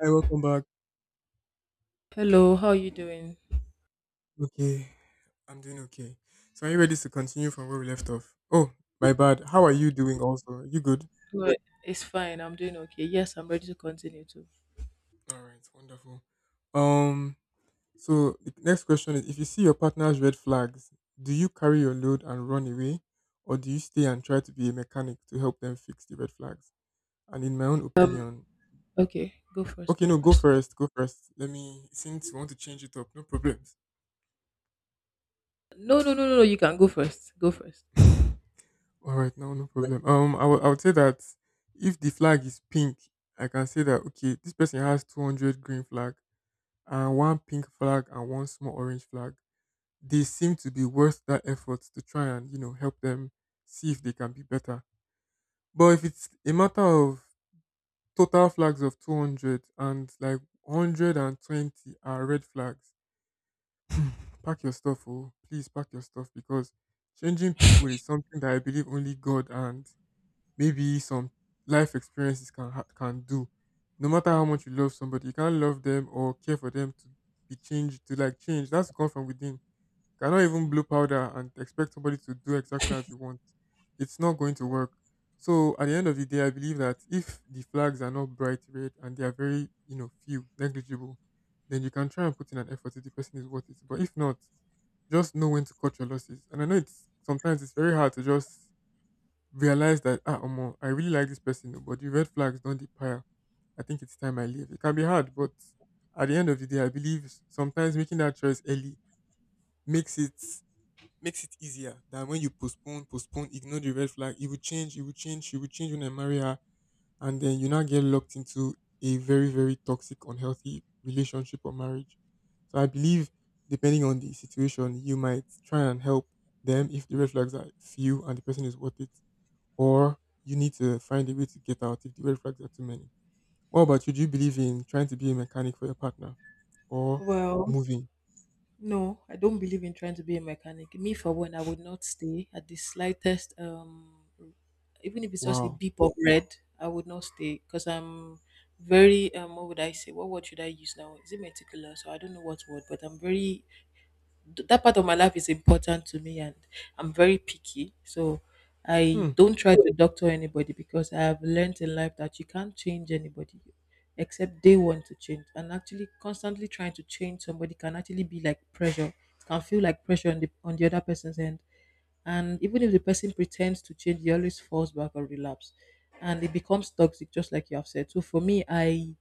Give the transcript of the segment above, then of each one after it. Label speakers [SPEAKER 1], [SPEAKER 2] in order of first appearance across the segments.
[SPEAKER 1] Hi, welcome back.
[SPEAKER 2] Hello, how are you doing?
[SPEAKER 1] Okay, I'm doing okay. So, are you ready to continue from where we left off? Oh, my bad. How are you doing? Also, are you good?
[SPEAKER 2] Good. It's fine. I'm doing okay. Yes, I'm ready to continue too.
[SPEAKER 1] All right, wonderful. Um, so the next question is: if you see your partner's red flags, do you carry your load and run away, or do you stay and try to be a mechanic to help them fix the red flags? And in my own
[SPEAKER 2] Um,
[SPEAKER 1] opinion,
[SPEAKER 2] okay, go first.
[SPEAKER 1] okay,
[SPEAKER 2] Go
[SPEAKER 1] no, go
[SPEAKER 2] first.
[SPEAKER 1] first. Go first. Let me. Since you want to change it up, no problems.
[SPEAKER 2] No, no, no, no, no. You can go first. Go first.
[SPEAKER 1] All right, now no problem. I would say that if the flag is pink, I can say that okay, this person has 200 green flag and one pink flag and one small orange flag. They seem to be worth that effort to try and help them see if they can be better. But if it's a matter of total flags of 200 and like 120 are red flags, pack your stuff, oh please pack your stuff, because changing people is something that I believe only God and maybe some life experiences can do. No matter how
[SPEAKER 2] Mm,
[SPEAKER 1] much you love somebody, you can't love them or care for them to be changed to like change. That's come from within. You cannot even
[SPEAKER 2] mm.
[SPEAKER 1] blow powder and expect somebody to do exactly as you want. It's not going to work. So at the end of the day, I believe that if the flags are not bright red and they are very few, negligible, then you can try and put in an effort if the person is worth it. But if not, just know when to cut your losses. And I know it's sometimes it's very hard to just realize that ah omo, I really like this person, oh, but the red flags don't depire. I think it's time I leave. It can be hard, but at the end of the day, I believe sometimes making that choice early makes it makes it easier than when you postpone, postpone, ignore the red flag. It will change, she will change when I marry her, and then you now get locked into a very, very toxic, unhealthy relationship or marriage. So I believe depending on the situation, you might try and help them if the red flags are few and the person is worth it, or you need to find a way to get out if the red flags are too many. What about you? Do you believe in trying to be a mechanic for your partner or
[SPEAKER 2] Well,
[SPEAKER 1] moving?
[SPEAKER 2] no, I don't believe in trying to be a mechanic. Me, for one, I would not stay at the slightest. Even if it's just a
[SPEAKER 1] Wow.
[SPEAKER 2] beep of red, I would not stay because I'm very. What would I say? What word should I use now? Is it meticulous? So I don't know what word, but I'm very that part of my life is important to me and I'm very picky. So I
[SPEAKER 1] Hmm.
[SPEAKER 2] don't try to doctor anybody because I have learned in life that you can't change anybody except they want to change. And actually constantly trying to change somebody can actually be like pressure. It can feel like pressure on the other person's end. And even if the person pretends to change, he always falls back or relapse. And it becomes toxic, just like you have said. So for me, I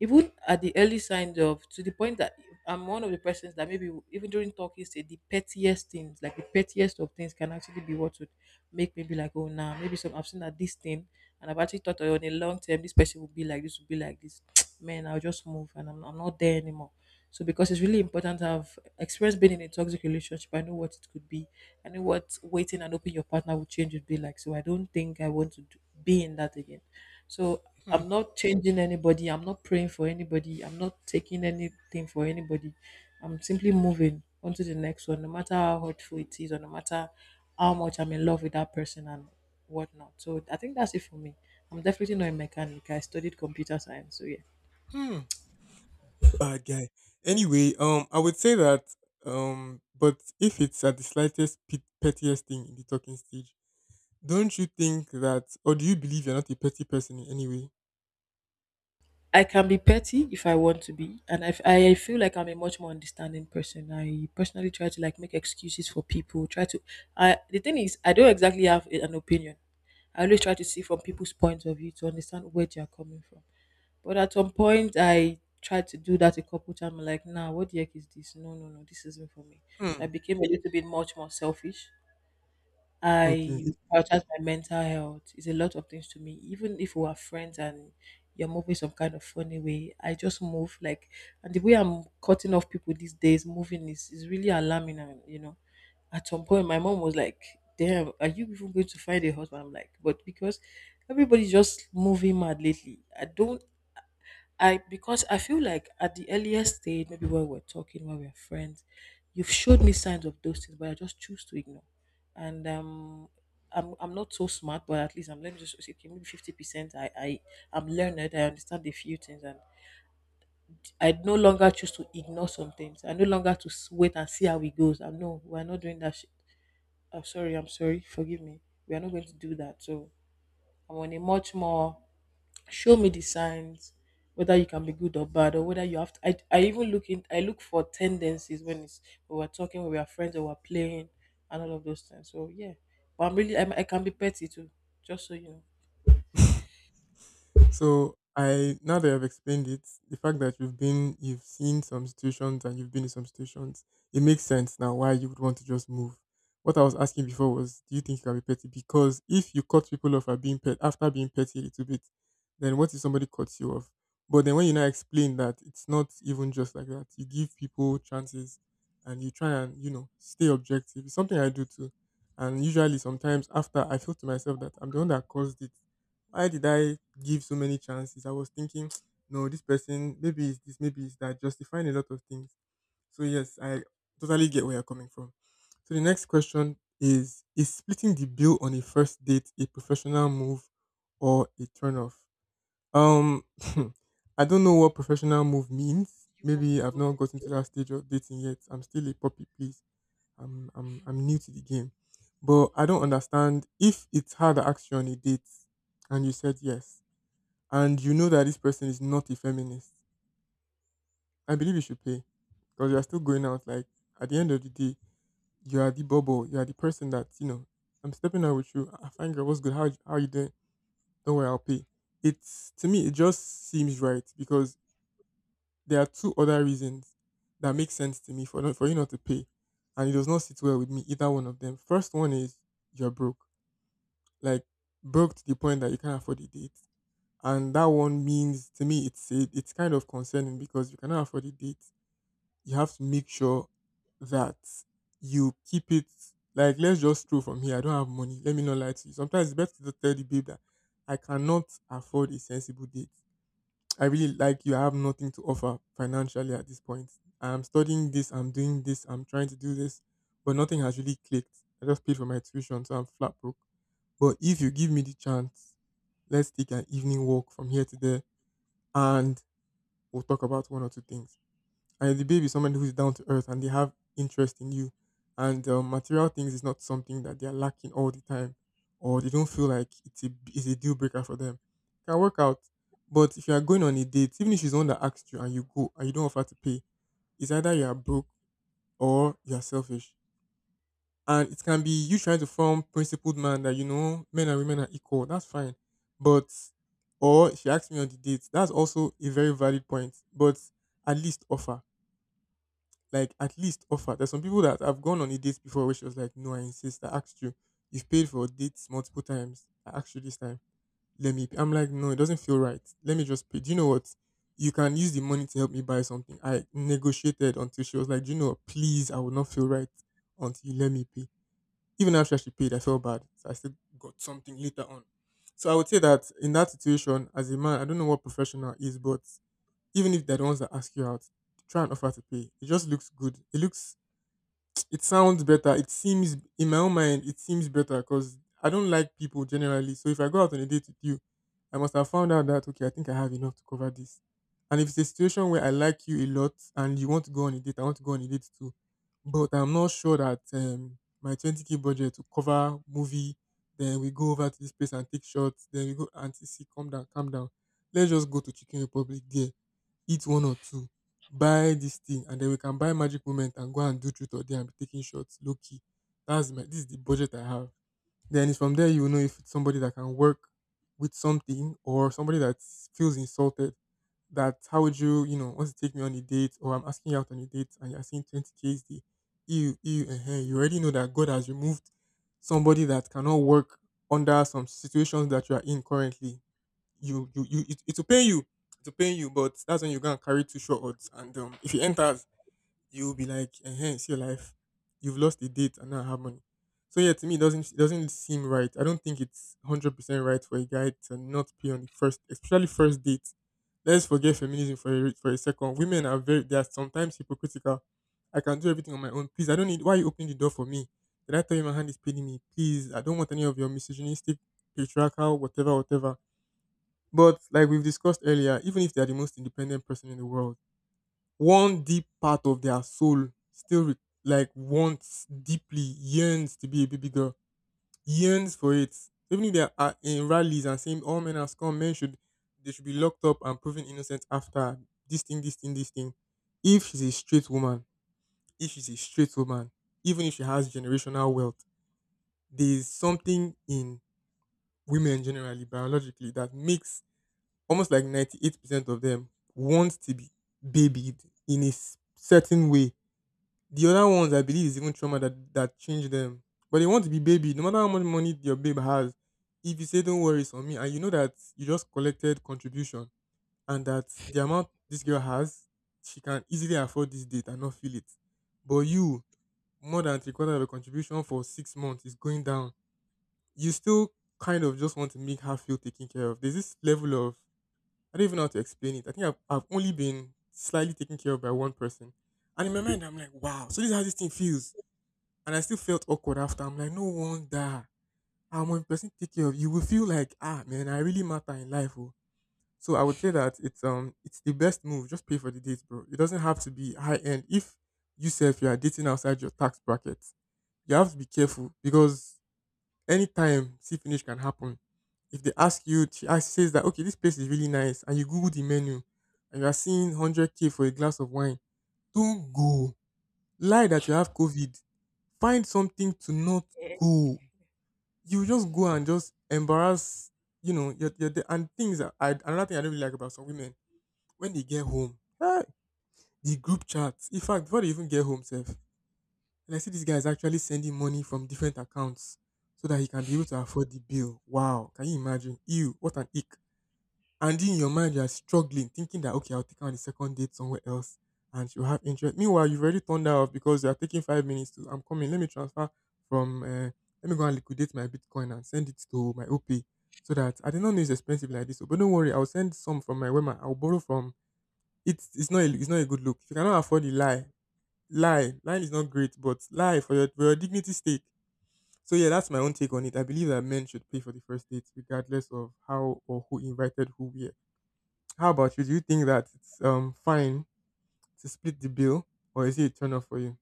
[SPEAKER 2] even at the early signs of to the point that I'm one of the persons that maybe even during talking stage the pettiest things like the pettiest of things can actually be what would make me be like oh nah maybe some I've seen that this thing and I've actually thought oh, on a long term this person will be like this will be like this man I'll just move and I'm not there anymore so because it's really important to have experienced being in a toxic relationship I know what it could be I know what waiting and hoping your partner will change would be like so I don't think I want to do, be in that again so
[SPEAKER 1] Hmm.
[SPEAKER 2] I'm not changing anybody. I'm not praying for anybody. I'm not taking anything for anybody. I'm simply moving on to the next one, no matter how hurtful it is, or no matter how much I'm in love with that person and whatnot. So I think that's it for me. I'm definitely not a mechanic. I studied computer science. So yeah.
[SPEAKER 1] Hmm. Bad guy. Anyway, I would say that but if it's at the slightest pettiest thing in the talking stage, don't you think that, or do you believe you're not a petty person in any way?
[SPEAKER 2] I can be petty if I want to be, and I feel like I'm a much more understanding person. I personally try to like make excuses for people. Try to, I the thing is, I don't exactly have an opinion. I always try to see from people's point of view to understand where they are coming from. But at some point, I tried to do that a couple times. Like, nah, what the heck is this? No, no, no, this isn't for me. So I
[SPEAKER 1] Hmm.
[SPEAKER 2] became a little bit much more selfish. I
[SPEAKER 1] Okay.
[SPEAKER 2] prioritize my mental health. It's a lot of things to me. Even if we are friends and you're moving some kind of funny way, I just move like, and the way I'm cutting off people these days, moving is really alarming. And you know, at some point, my mom was like, "Damn, are you even going to find a husband?" I'm like, "But because everybody's just moving mad lately, I don't I because I feel like at the earliest stage, maybe when we're talking, when we're friends, you've showed me signs of those things, but I just choose to ignore. And I'm not so smart, but at least I'm learning just okay, maybe 50%. I'm learned. I understand a few things, and I no longer choose to ignore some things. I no longer wait and see how it goes. I'm No, we're not doing that shit. I'm sorry. I'm sorry. Forgive me. We are not going to do that. So I want a much more show me the signs whether you can be good or bad or whether you have to I even look in I look for tendencies when it's when we're talking, when we're friends or we're playing and all of those things. So yeah. But I'm really I'm, I can be petty too, just so you know.
[SPEAKER 1] So I, now that I've explained it, the fact that you've seen some situations and you've been in some situations, it makes sense now why you would want to just move. What I was asking before was, do you think you can be petty? Because if you cut people off at being pet after being petty a little bit, then what if somebody cuts you off? But then when you now explain that it's not even just like that, you give people chances and you try and, you know, stay objective. It's something I do too. And usually sometimes after I feel to myself that I'm the one that caused it, why did I give so many chances? I was thinking, no, this person, maybe it's this, maybe it's that, justifying a lot of things. So, yes, I totally get where you're coming from. So, the next question is: is splitting the bill on a first date a professional move or a turn off? Um, I don't know what professional move means.
[SPEAKER 2] You want me
[SPEAKER 1] Maybe
[SPEAKER 2] to
[SPEAKER 1] I've
[SPEAKER 2] go
[SPEAKER 1] not gotten
[SPEAKER 2] first?
[SPEAKER 1] to that stage of dating yet. I'm still a puppy, please. I'm new to the game. But I don't
[SPEAKER 2] Okay.
[SPEAKER 1] understand, if it's hard to ask you on a date and you said yes and you know that this person is not a feminist, I believe you should pay because you are still going out. Like at the end of the day, you are the bubble. You are the person that, you know, I'm stepping out with you. I find girl, what's good? How you doing? Don't worry, I'll pay. It's to me, it just seems right because there are two other reasons that make sense to me for not, for you not to pay, and it does not sit well with me either one of them. First one is you're broke, like broke to the point that you can't afford a date. And that one means to me it's kind of concerning because you cannot afford a date. You have to make sure that you keep it, like let's just stroll from here. I don't have money. Let me not lie to you. Sometimes it's better to tell the babe that I cannot afford a sensible date. I really like you. I have nothing to offer financially at this point. I'm studying this. I'm doing this. I'm trying to do this, but nothing has really clicked. I just paid for my tuition, so I'm flat broke. But if you give me the chance, let's take an evening walk from here to there and we'll talk about one or two things. And if the babe is somebody who's down to earth and they have interest in you, and material things is not something that they are lacking all the time, or they don't feel like it's a deal breaker for them. It can work out, but if you are going on a date, even if she's the one that asked you and you go and you don't offer to pay, it's either you are broke or you are selfish. And it can be you trying to form principled man that you know men and women are equal. That's fine, but, or she asked me on the date. That's also a very valid point. But at least offer, like at least offer. There's some people that I've gone on a date before where she was like, "No, I insist. I asked you. You've paid for dates multiple times. I asked you this time. Let me pay." I'm like, "No, it doesn't feel right. Let me just pay. Do you know what? You can use the money to help me buy something." I negotiated until she was like, "Do you know what? Please, I would not feel right until you let me pay." Even after she paid, I felt bad. So I still got something later on. So I would say that in that situation, as a man, I don't know what professional is, but even if they're the ones that ask you out, try and offer to pay. It just looks good. It sounds better. It seems, in my own mind, it seems better because I don't like people generally. So if I go out on a date with you, I must have found out that okay, I think I have enough to cover this. And if it's a situation where I like you a lot and you want to go on a date, I want to go on a date too. But I'm not sure that my 20k budget to cover movie, then we go over to this place and take shots, then we go auntie see, calm down, calm down. Let's just go to Chicken Republic there, eat one or two, buy this thing, and then we can buy magic moment and go and do truth or dare and be taking shots low key. That's my, this is the budget I have. Then it's from there you will know if it's somebody that can work with something or somebody that feels insulted. That, how would you you know want to take me on a date? Or I'm asking you out on a date and you're saying 20 k is the you already know that God has removed somebody that cannot work under some situations that you are in currently. You It will pain you, it will pain you, but that's when you are gonna carry two short odds and if he enters, you'll be like, enhance your life. You've lost a date and now I have money. So yeah, to me it doesn't seem right. I don't think it's 100% right for a guy to not pay on the first, especially first date. Let's forget feminism for a second. Women are very, they are sometimes hypocritical. I can do everything on my own, please. I don't need, why are you opening the door for me? Did I tell you my hand is paining me? Please, I don't want any of your misogynistic, patriarchal, whatever, whatever. But like we've discussed earlier, even if they are the most independent person in the world, one deep part of their soul still like wants, deeply yearns to be a baby girl, yearns for it. So even if they are in rallies and saying all men are scum, men should, they should be locked up and proven innocent after, this thing, this thing, this thing. If she's a straight woman, if she's a straight woman, even if she has generational wealth, there is something in women generally biologically that makes almost like 98% of them want to be babied in a certain way. The other ones, I believe, is even trauma that changed them. But they want to be babied, no matter how much money your babe has. If you say, don't worry, it's on me, and you know that you just collected contribution and that the amount this girl has, she can easily afford this date and not feel it. But you, more than three quarter of a contribution for 6 months is going down. You still kind of just want to make her feel taken care of. There's this level of, I don't even know how to explain it. I think I've only been slightly taken care of by one person. And in my mind, I'm like, wow, so this is how this thing feels. And I still felt awkward after. I'm like, no wonder. I'm one person take care of you. Will feel like, ah, man, I really matter in life. Oh. So I would say that it's it's the best move. Just pay for the date, bro. It doesn't have to be high end. If you say, if you are dating outside your tax bracket, you have to be careful because anytime see finish can happen. If they ask you, she asks, says that okay, this place is really nice, and you Google the menu, and you are seeing 100 k for a glass of wine. Don't go. Lie that you have COVID. Find something to not
[SPEAKER 2] Yeah.
[SPEAKER 1] go. You just go and just embarrass. You know, your the and things. That I another thing I don't really like about some women, when they get home, the group chats. In fact, before they even get home, self. And I see this guy is actually sending money from different accounts so that he can be able to afford the bill. Wow, can you imagine? Ew, what an ick. And in your mind, you are struggling, thinking that, okay, I'll take her on the second date somewhere else and she'll have interest. Meanwhile, you've already turned her off because you are taking 5 minutes to, I'm coming, let me transfer from, let me go and liquidate my Bitcoin and send it to my OP, so that, I did not know it's expensive like this. Oh, but don't worry, I'll send some from my Wema. I'll borrow from, not a, it's not a good look. If you cannot afford the lie, lie. Lying is not great, but lie for your dignity's sake. So yeah, that's my own take on it. I believe that men should pay for the first date, regardless of how or who invited who where. How about you? Do you think that it's fine to split the bill, or is it a turn off for you?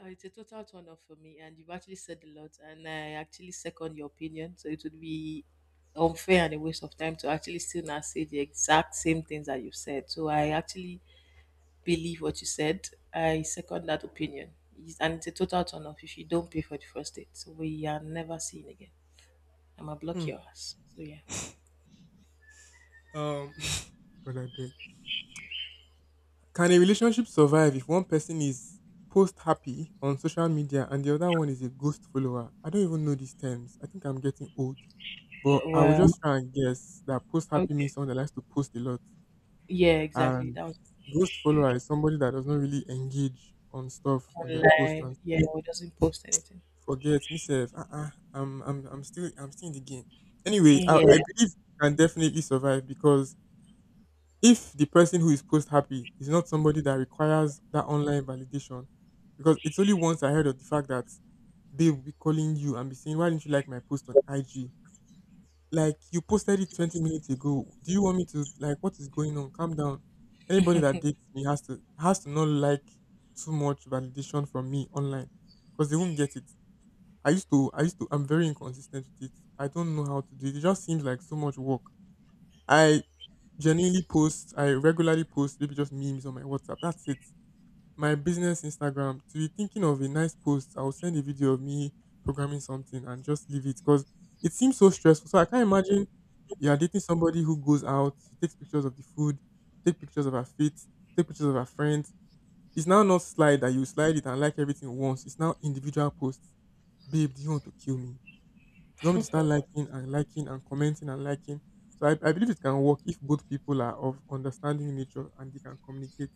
[SPEAKER 2] It's a total turn off for me, and you've actually said a lot, and I actually second your opinion. So it would be unfair and a waste of time to actually still not say the exact same things that you've said. So I actually believe what you said. I second that opinion. And it's a total turn off if you don't pay for the first date. So we are never seen again. I'm gonna block
[SPEAKER 1] Hmm.
[SPEAKER 2] your ass. So yeah.
[SPEAKER 1] Um. God, I beg. Can a relationship survive if one person is post happy on social media and the other one is a ghost follower? I don't even know these terms. I think I'm getting old, but I will
[SPEAKER 2] Well,
[SPEAKER 1] just try and guess that post happy means
[SPEAKER 2] okay.
[SPEAKER 1] someone that likes to post a lot.
[SPEAKER 2] Yeah, exactly.
[SPEAKER 1] And
[SPEAKER 2] That was
[SPEAKER 1] ghost follower is somebody that does not really engage on stuff on their
[SPEAKER 2] online.
[SPEAKER 1] posters.
[SPEAKER 2] Yeah, we doesn't post anything.
[SPEAKER 1] Forget me, self. I'm still in the game. Anyway,
[SPEAKER 2] Yeah.
[SPEAKER 1] I believe you can definitely survive because if the person who is post happy is not somebody that requires that online validation. Because it's only once I heard of the fact that they will be calling you and be saying, "Why didn't you like my post on IG?" Like, you posted it 20 minutes ago. Do you want me to like, what is going on? Calm down. Anybody that dates me has to not like too much validation from me online, because they won't get it. I used to I'm very inconsistent with it. I don't know how to do it. It just seems like so much work. I I regularly post maybe just memes on my WhatsApp. That's it. My business Instagram, to be thinking of a nice post, I'll send a video of me programming something and just leave it, because it seems so stressful. So I can't imagine, you're dating somebody who goes out, she takes pictures of the food, take pictures of her feet, take pictures of her friends. It's now not slide that you slide it and like everything once. It's now individual posts. Babe, do you want to kill me? You want me to start liking and liking and commenting and liking? So I believe it can work if both people are of understanding nature and they can communicate.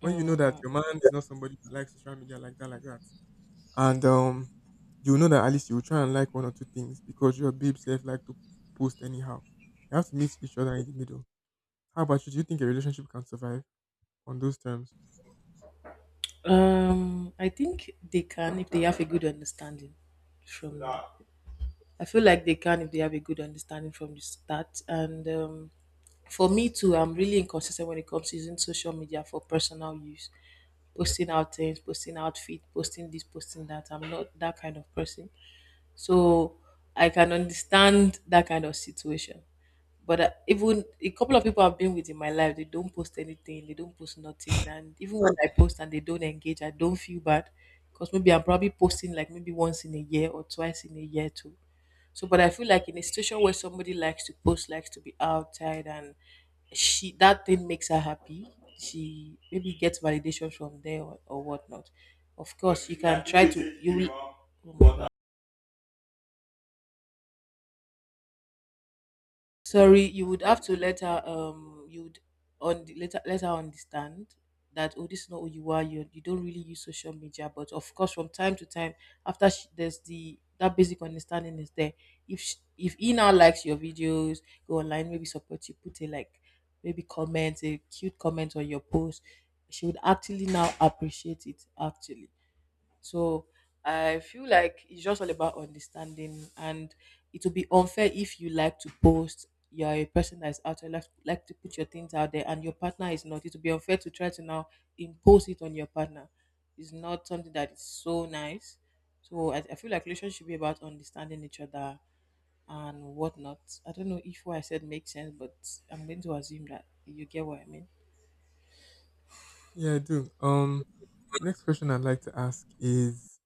[SPEAKER 1] When you know that
[SPEAKER 2] Mhm.
[SPEAKER 1] your man is not somebody that likes social media like that, and you know that at least you will try and like one or two things because your babe self like to post anyhow. You have to meet each other in the middle. How about you? Do you think a relationship can survive on those terms?
[SPEAKER 2] I think they can if they have a good understanding from I feel like they can if they have a good understanding from the start. And for me too, I'm really inconsistent when it comes to using social media for personal use, posting out things, posting outfit, posting this, posting that. I'm not that kind of person, so I can understand that kind of situation. But even a couple of people I've been with in my life, they don't post anything, they don't post nothing, and even when I post and they don't engage, I don't feel bad because maybe I'm probably posting like maybe once in a year or twice in a year too. So, but I feel like in a situation where somebody likes to post, likes to be outside, and she that thing makes her happy, she maybe gets validation from there or whatnot. Of course, you can try to you. Will- Oh my God. Sorry, you would have to let her you would on let her understand that oh this is not who you are you don't really use social media but of course from time to time after she, there's the that basic understanding is there if he now likes your videos go online maybe support you put a like maybe comment a cute comment on your post she would actually now appreciate it actually so I feel like it's just all about understanding, and it will be unfair if you like to post. You're a person that's out there, like to put your things out there, and your partner is not. It will be unfair to try to now impose it on your partner. It's not something that is so nice. So I feel like relationship should be about understanding each other and whatnot. I don't know if what I said makes sense, but I'm going to assume that you get what I mean.
[SPEAKER 1] Yeah, I do. Next question I'd like to ask is,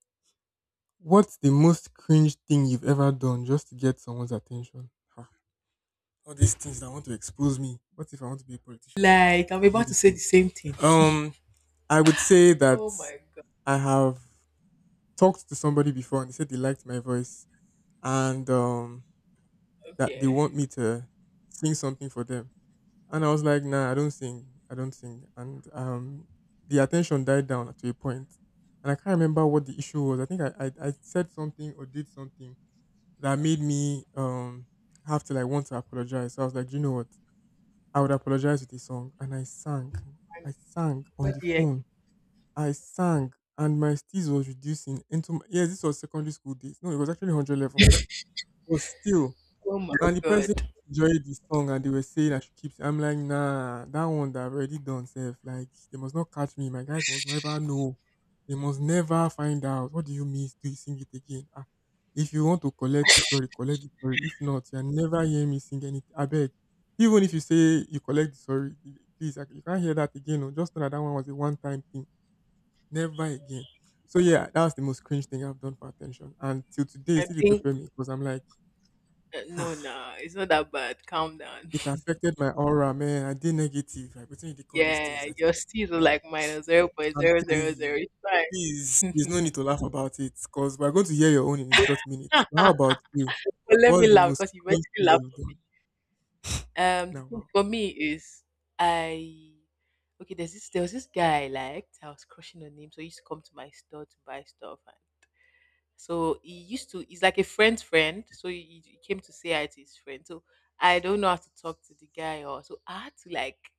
[SPEAKER 1] what's the most cringe thing you've ever done just to get someone's attention? Ha, all these things that want to expose me. What if I want to be a politician tomorrow
[SPEAKER 2] Like
[SPEAKER 1] and
[SPEAKER 2] I'm
[SPEAKER 1] they hear
[SPEAKER 2] about to
[SPEAKER 1] this
[SPEAKER 2] say the
[SPEAKER 1] thing?
[SPEAKER 2] same thing.
[SPEAKER 1] Um, I would say that
[SPEAKER 2] Oh my god.
[SPEAKER 1] I have talked to somebody before and they said they liked my voice, and that they
[SPEAKER 2] Okay.
[SPEAKER 1] want me to sing something for them. And I was like, nah, I don't sing. I don't sing. And the attention died down to a point. And I can't remember what the issue was. I think I said something or did something that made me have to like want to apologize. So I was like, you know what? I would apologize with a song. And I sang. I sang on
[SPEAKER 2] What
[SPEAKER 1] the
[SPEAKER 2] do you
[SPEAKER 1] phone. I sang and my steez was reducing into my, yes, this was secondary school days. No, it was actually 100 level. But still,
[SPEAKER 2] Oh my
[SPEAKER 1] and the
[SPEAKER 2] god.
[SPEAKER 1] person enjoyed the song and they were saying I should keep it. I'm like, nah, that one that I've already done self. Like, they must not catch me. My guys must never know. They must never find out. What do you mean? Do you sing it again? Ah, if you want to collect it, sorry, collect it, sorry. If not, you'll never hear me sing anything. I beg. Even if you say you collect the sorry, please, I- you can't hear that again. Oh. Just know that that one was a one time thing. Never again. So yeah, that was the most cringe thing I've done for attention. And till today, it
[SPEAKER 2] I
[SPEAKER 1] still dey
[SPEAKER 2] think
[SPEAKER 1] pepper me because I'm like,
[SPEAKER 2] no,
[SPEAKER 1] ah,
[SPEAKER 2] no, it's not that bad. Calm down.
[SPEAKER 1] it affected my aura, man. I did negative. I pretend they call those
[SPEAKER 2] Yeah,
[SPEAKER 1] things. I think,
[SPEAKER 2] your C's are
[SPEAKER 1] yeah,
[SPEAKER 2] like minus zero point
[SPEAKER 1] I'm
[SPEAKER 2] zero
[SPEAKER 1] telling
[SPEAKER 2] zero zero.
[SPEAKER 1] you,
[SPEAKER 2] It's fine.
[SPEAKER 1] please, there's no need to laugh about it because we're going to hear your own in a short minute. So, how about you?
[SPEAKER 2] But let me
[SPEAKER 1] What's the
[SPEAKER 2] laugh
[SPEAKER 1] most
[SPEAKER 2] because you
[SPEAKER 1] cringe
[SPEAKER 2] basically
[SPEAKER 1] thing
[SPEAKER 2] laugh
[SPEAKER 1] you've
[SPEAKER 2] for me.
[SPEAKER 1] done
[SPEAKER 2] The
[SPEAKER 1] now?
[SPEAKER 2] thing
[SPEAKER 1] Wow.
[SPEAKER 2] for me is I okay. There's this. There was this guy I liked. I was crushing on him, so he used to come to my store to buy stuff. And so he used to. He's like a friend's friend. So he came to say hi to his friend. So I don't know how to talk to the guy or so. I had to like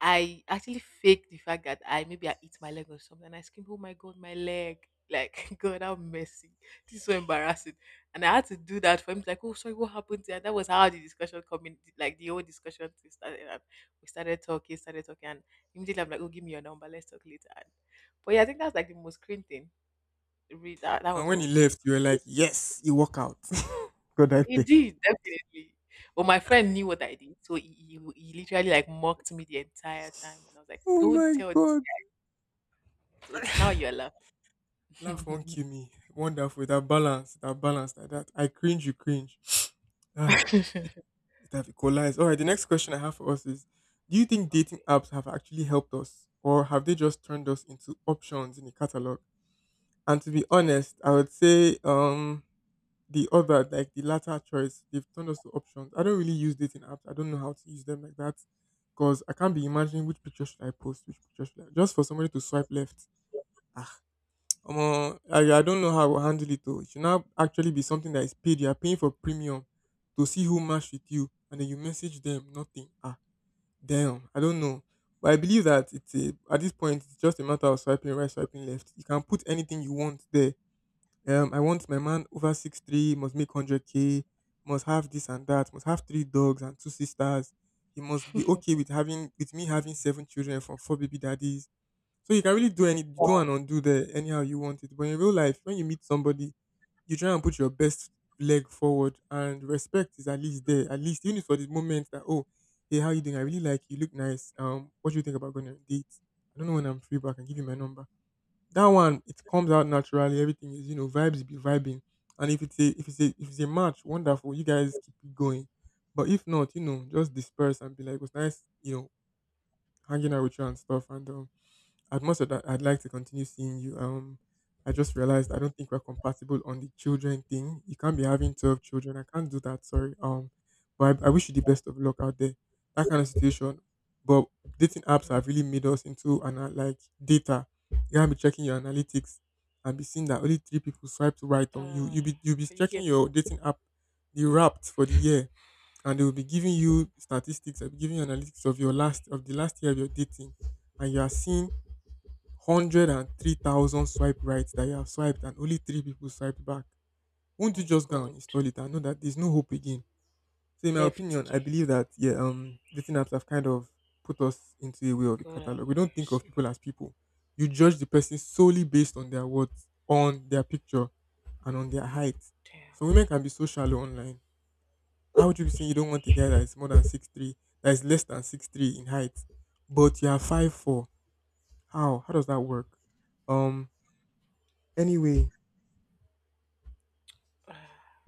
[SPEAKER 2] I actually faked the fact that I maybe I eat my leg or something, and I screamed, "Oh my god, my leg!" Like, God, how messy! This is so embarrassing, and I had to do that for him. Like, oh, sorry, what happened? There? That was how the discussion coming, like the whole discussion thing started. And we started talking, and immediately I'm like, "Oh, give me your number, let's talk later." And, but yeah, I think that's like the most cringe thing. Really, that
[SPEAKER 1] And
[SPEAKER 2] was
[SPEAKER 1] when he
[SPEAKER 2] all.
[SPEAKER 1] left, you were like, yes, he walk out. God, I
[SPEAKER 2] He
[SPEAKER 1] pay.
[SPEAKER 2] did definitely. But my friend knew what I did, so he literally like mocked me the entire time, and I was like,
[SPEAKER 1] Oh
[SPEAKER 2] "Don't
[SPEAKER 1] my
[SPEAKER 2] tell this."
[SPEAKER 1] God.
[SPEAKER 2] So now you're laughing.
[SPEAKER 1] Laugh won't
[SPEAKER 2] Okay.
[SPEAKER 1] kill me. Wonderful. That balance, that balance, that. I cringe, you cringe. Ah, it have equalized. All right, the next question I have for us is, do you think dating apps have actually helped us, or have they just turned us into options in a catalog? And to be honest, I would say the other, like the latter choice, they've turned us to options. I don't really use dating apps, I don't know how to use them like that, because I can't be imagining which picture should I post, which picture should I, just for somebody to swipe left. Ah, Omo, I don't know how I will handle it though. It should now actually be something that is paid. You are paying for premium to see who matched with you, and then you message them. Nothing. Ah, damn. I don't know, but I believe that it's a, at this point it's just a matter of swiping right, swiping left. You can put anything you want there. I want my man over 6'3", must make hundred k, must have this and that, must have three dogs and two sisters. He must be okay with having with me having seven children from four baby daddies. So you can really do any do and undo there anyhow you want it. But in real life, when you meet somebody, you try and put your best leg forward and respect is at least there. At least even if for the moment that, oh, hey, how you doing? I really like you look nice. What do you think about going on a date? I don't know when I'm free, but I can give you my number. That one, it comes out naturally. Everything is, you know, vibes be vibing. And if it's a if it's a match, wonderful. You guys keep it going. But if not, you know, just disperse and be like, it was nice, you know, hanging out with you and stuff. And um, as much as I'd like to continue seeing you, I just realized I don't think we're compatible on the children thing. You can't be having 12 children. I can't do that. Sorry. But I wish you the best of luck out there. That kind of situation. But dating apps
[SPEAKER 2] Mm.
[SPEAKER 1] have really made us into an like data. You can't be checking your analytics and be seeing that only three people swiped right on you.
[SPEAKER 2] Uh,
[SPEAKER 1] You be
[SPEAKER 2] can you hear
[SPEAKER 1] checking
[SPEAKER 2] me?
[SPEAKER 1] your dating app, the wrapped for the year, and they will be giving you statistics. They'll be giving you analytics of your last of the last year of your dating, and you are seeing 103,000 swipe right that you have swiped and only three people swiped back, won't you
[SPEAKER 2] My
[SPEAKER 1] just go and
[SPEAKER 2] God.
[SPEAKER 1] install it and know that there's no hope again? So in my
[SPEAKER 2] Left
[SPEAKER 1] opinion, I
[SPEAKER 2] gear.
[SPEAKER 1] believe that yeah, um, dating apps have kind of put us into a way of a
[SPEAKER 2] God have
[SPEAKER 1] catalogue. We don't think of
[SPEAKER 2] mercy.
[SPEAKER 1] people as people. You judge the person solely based on their words, on their picture, and on their height. So
[SPEAKER 2] Damn.
[SPEAKER 1] women can be so shallow online. How would you be saying you don't want a guy that is more than 6'3", that is less than 6'3" in height, but you are 5'4"? How? How does that work? Um, anyway,
[SPEAKER 2] Uh,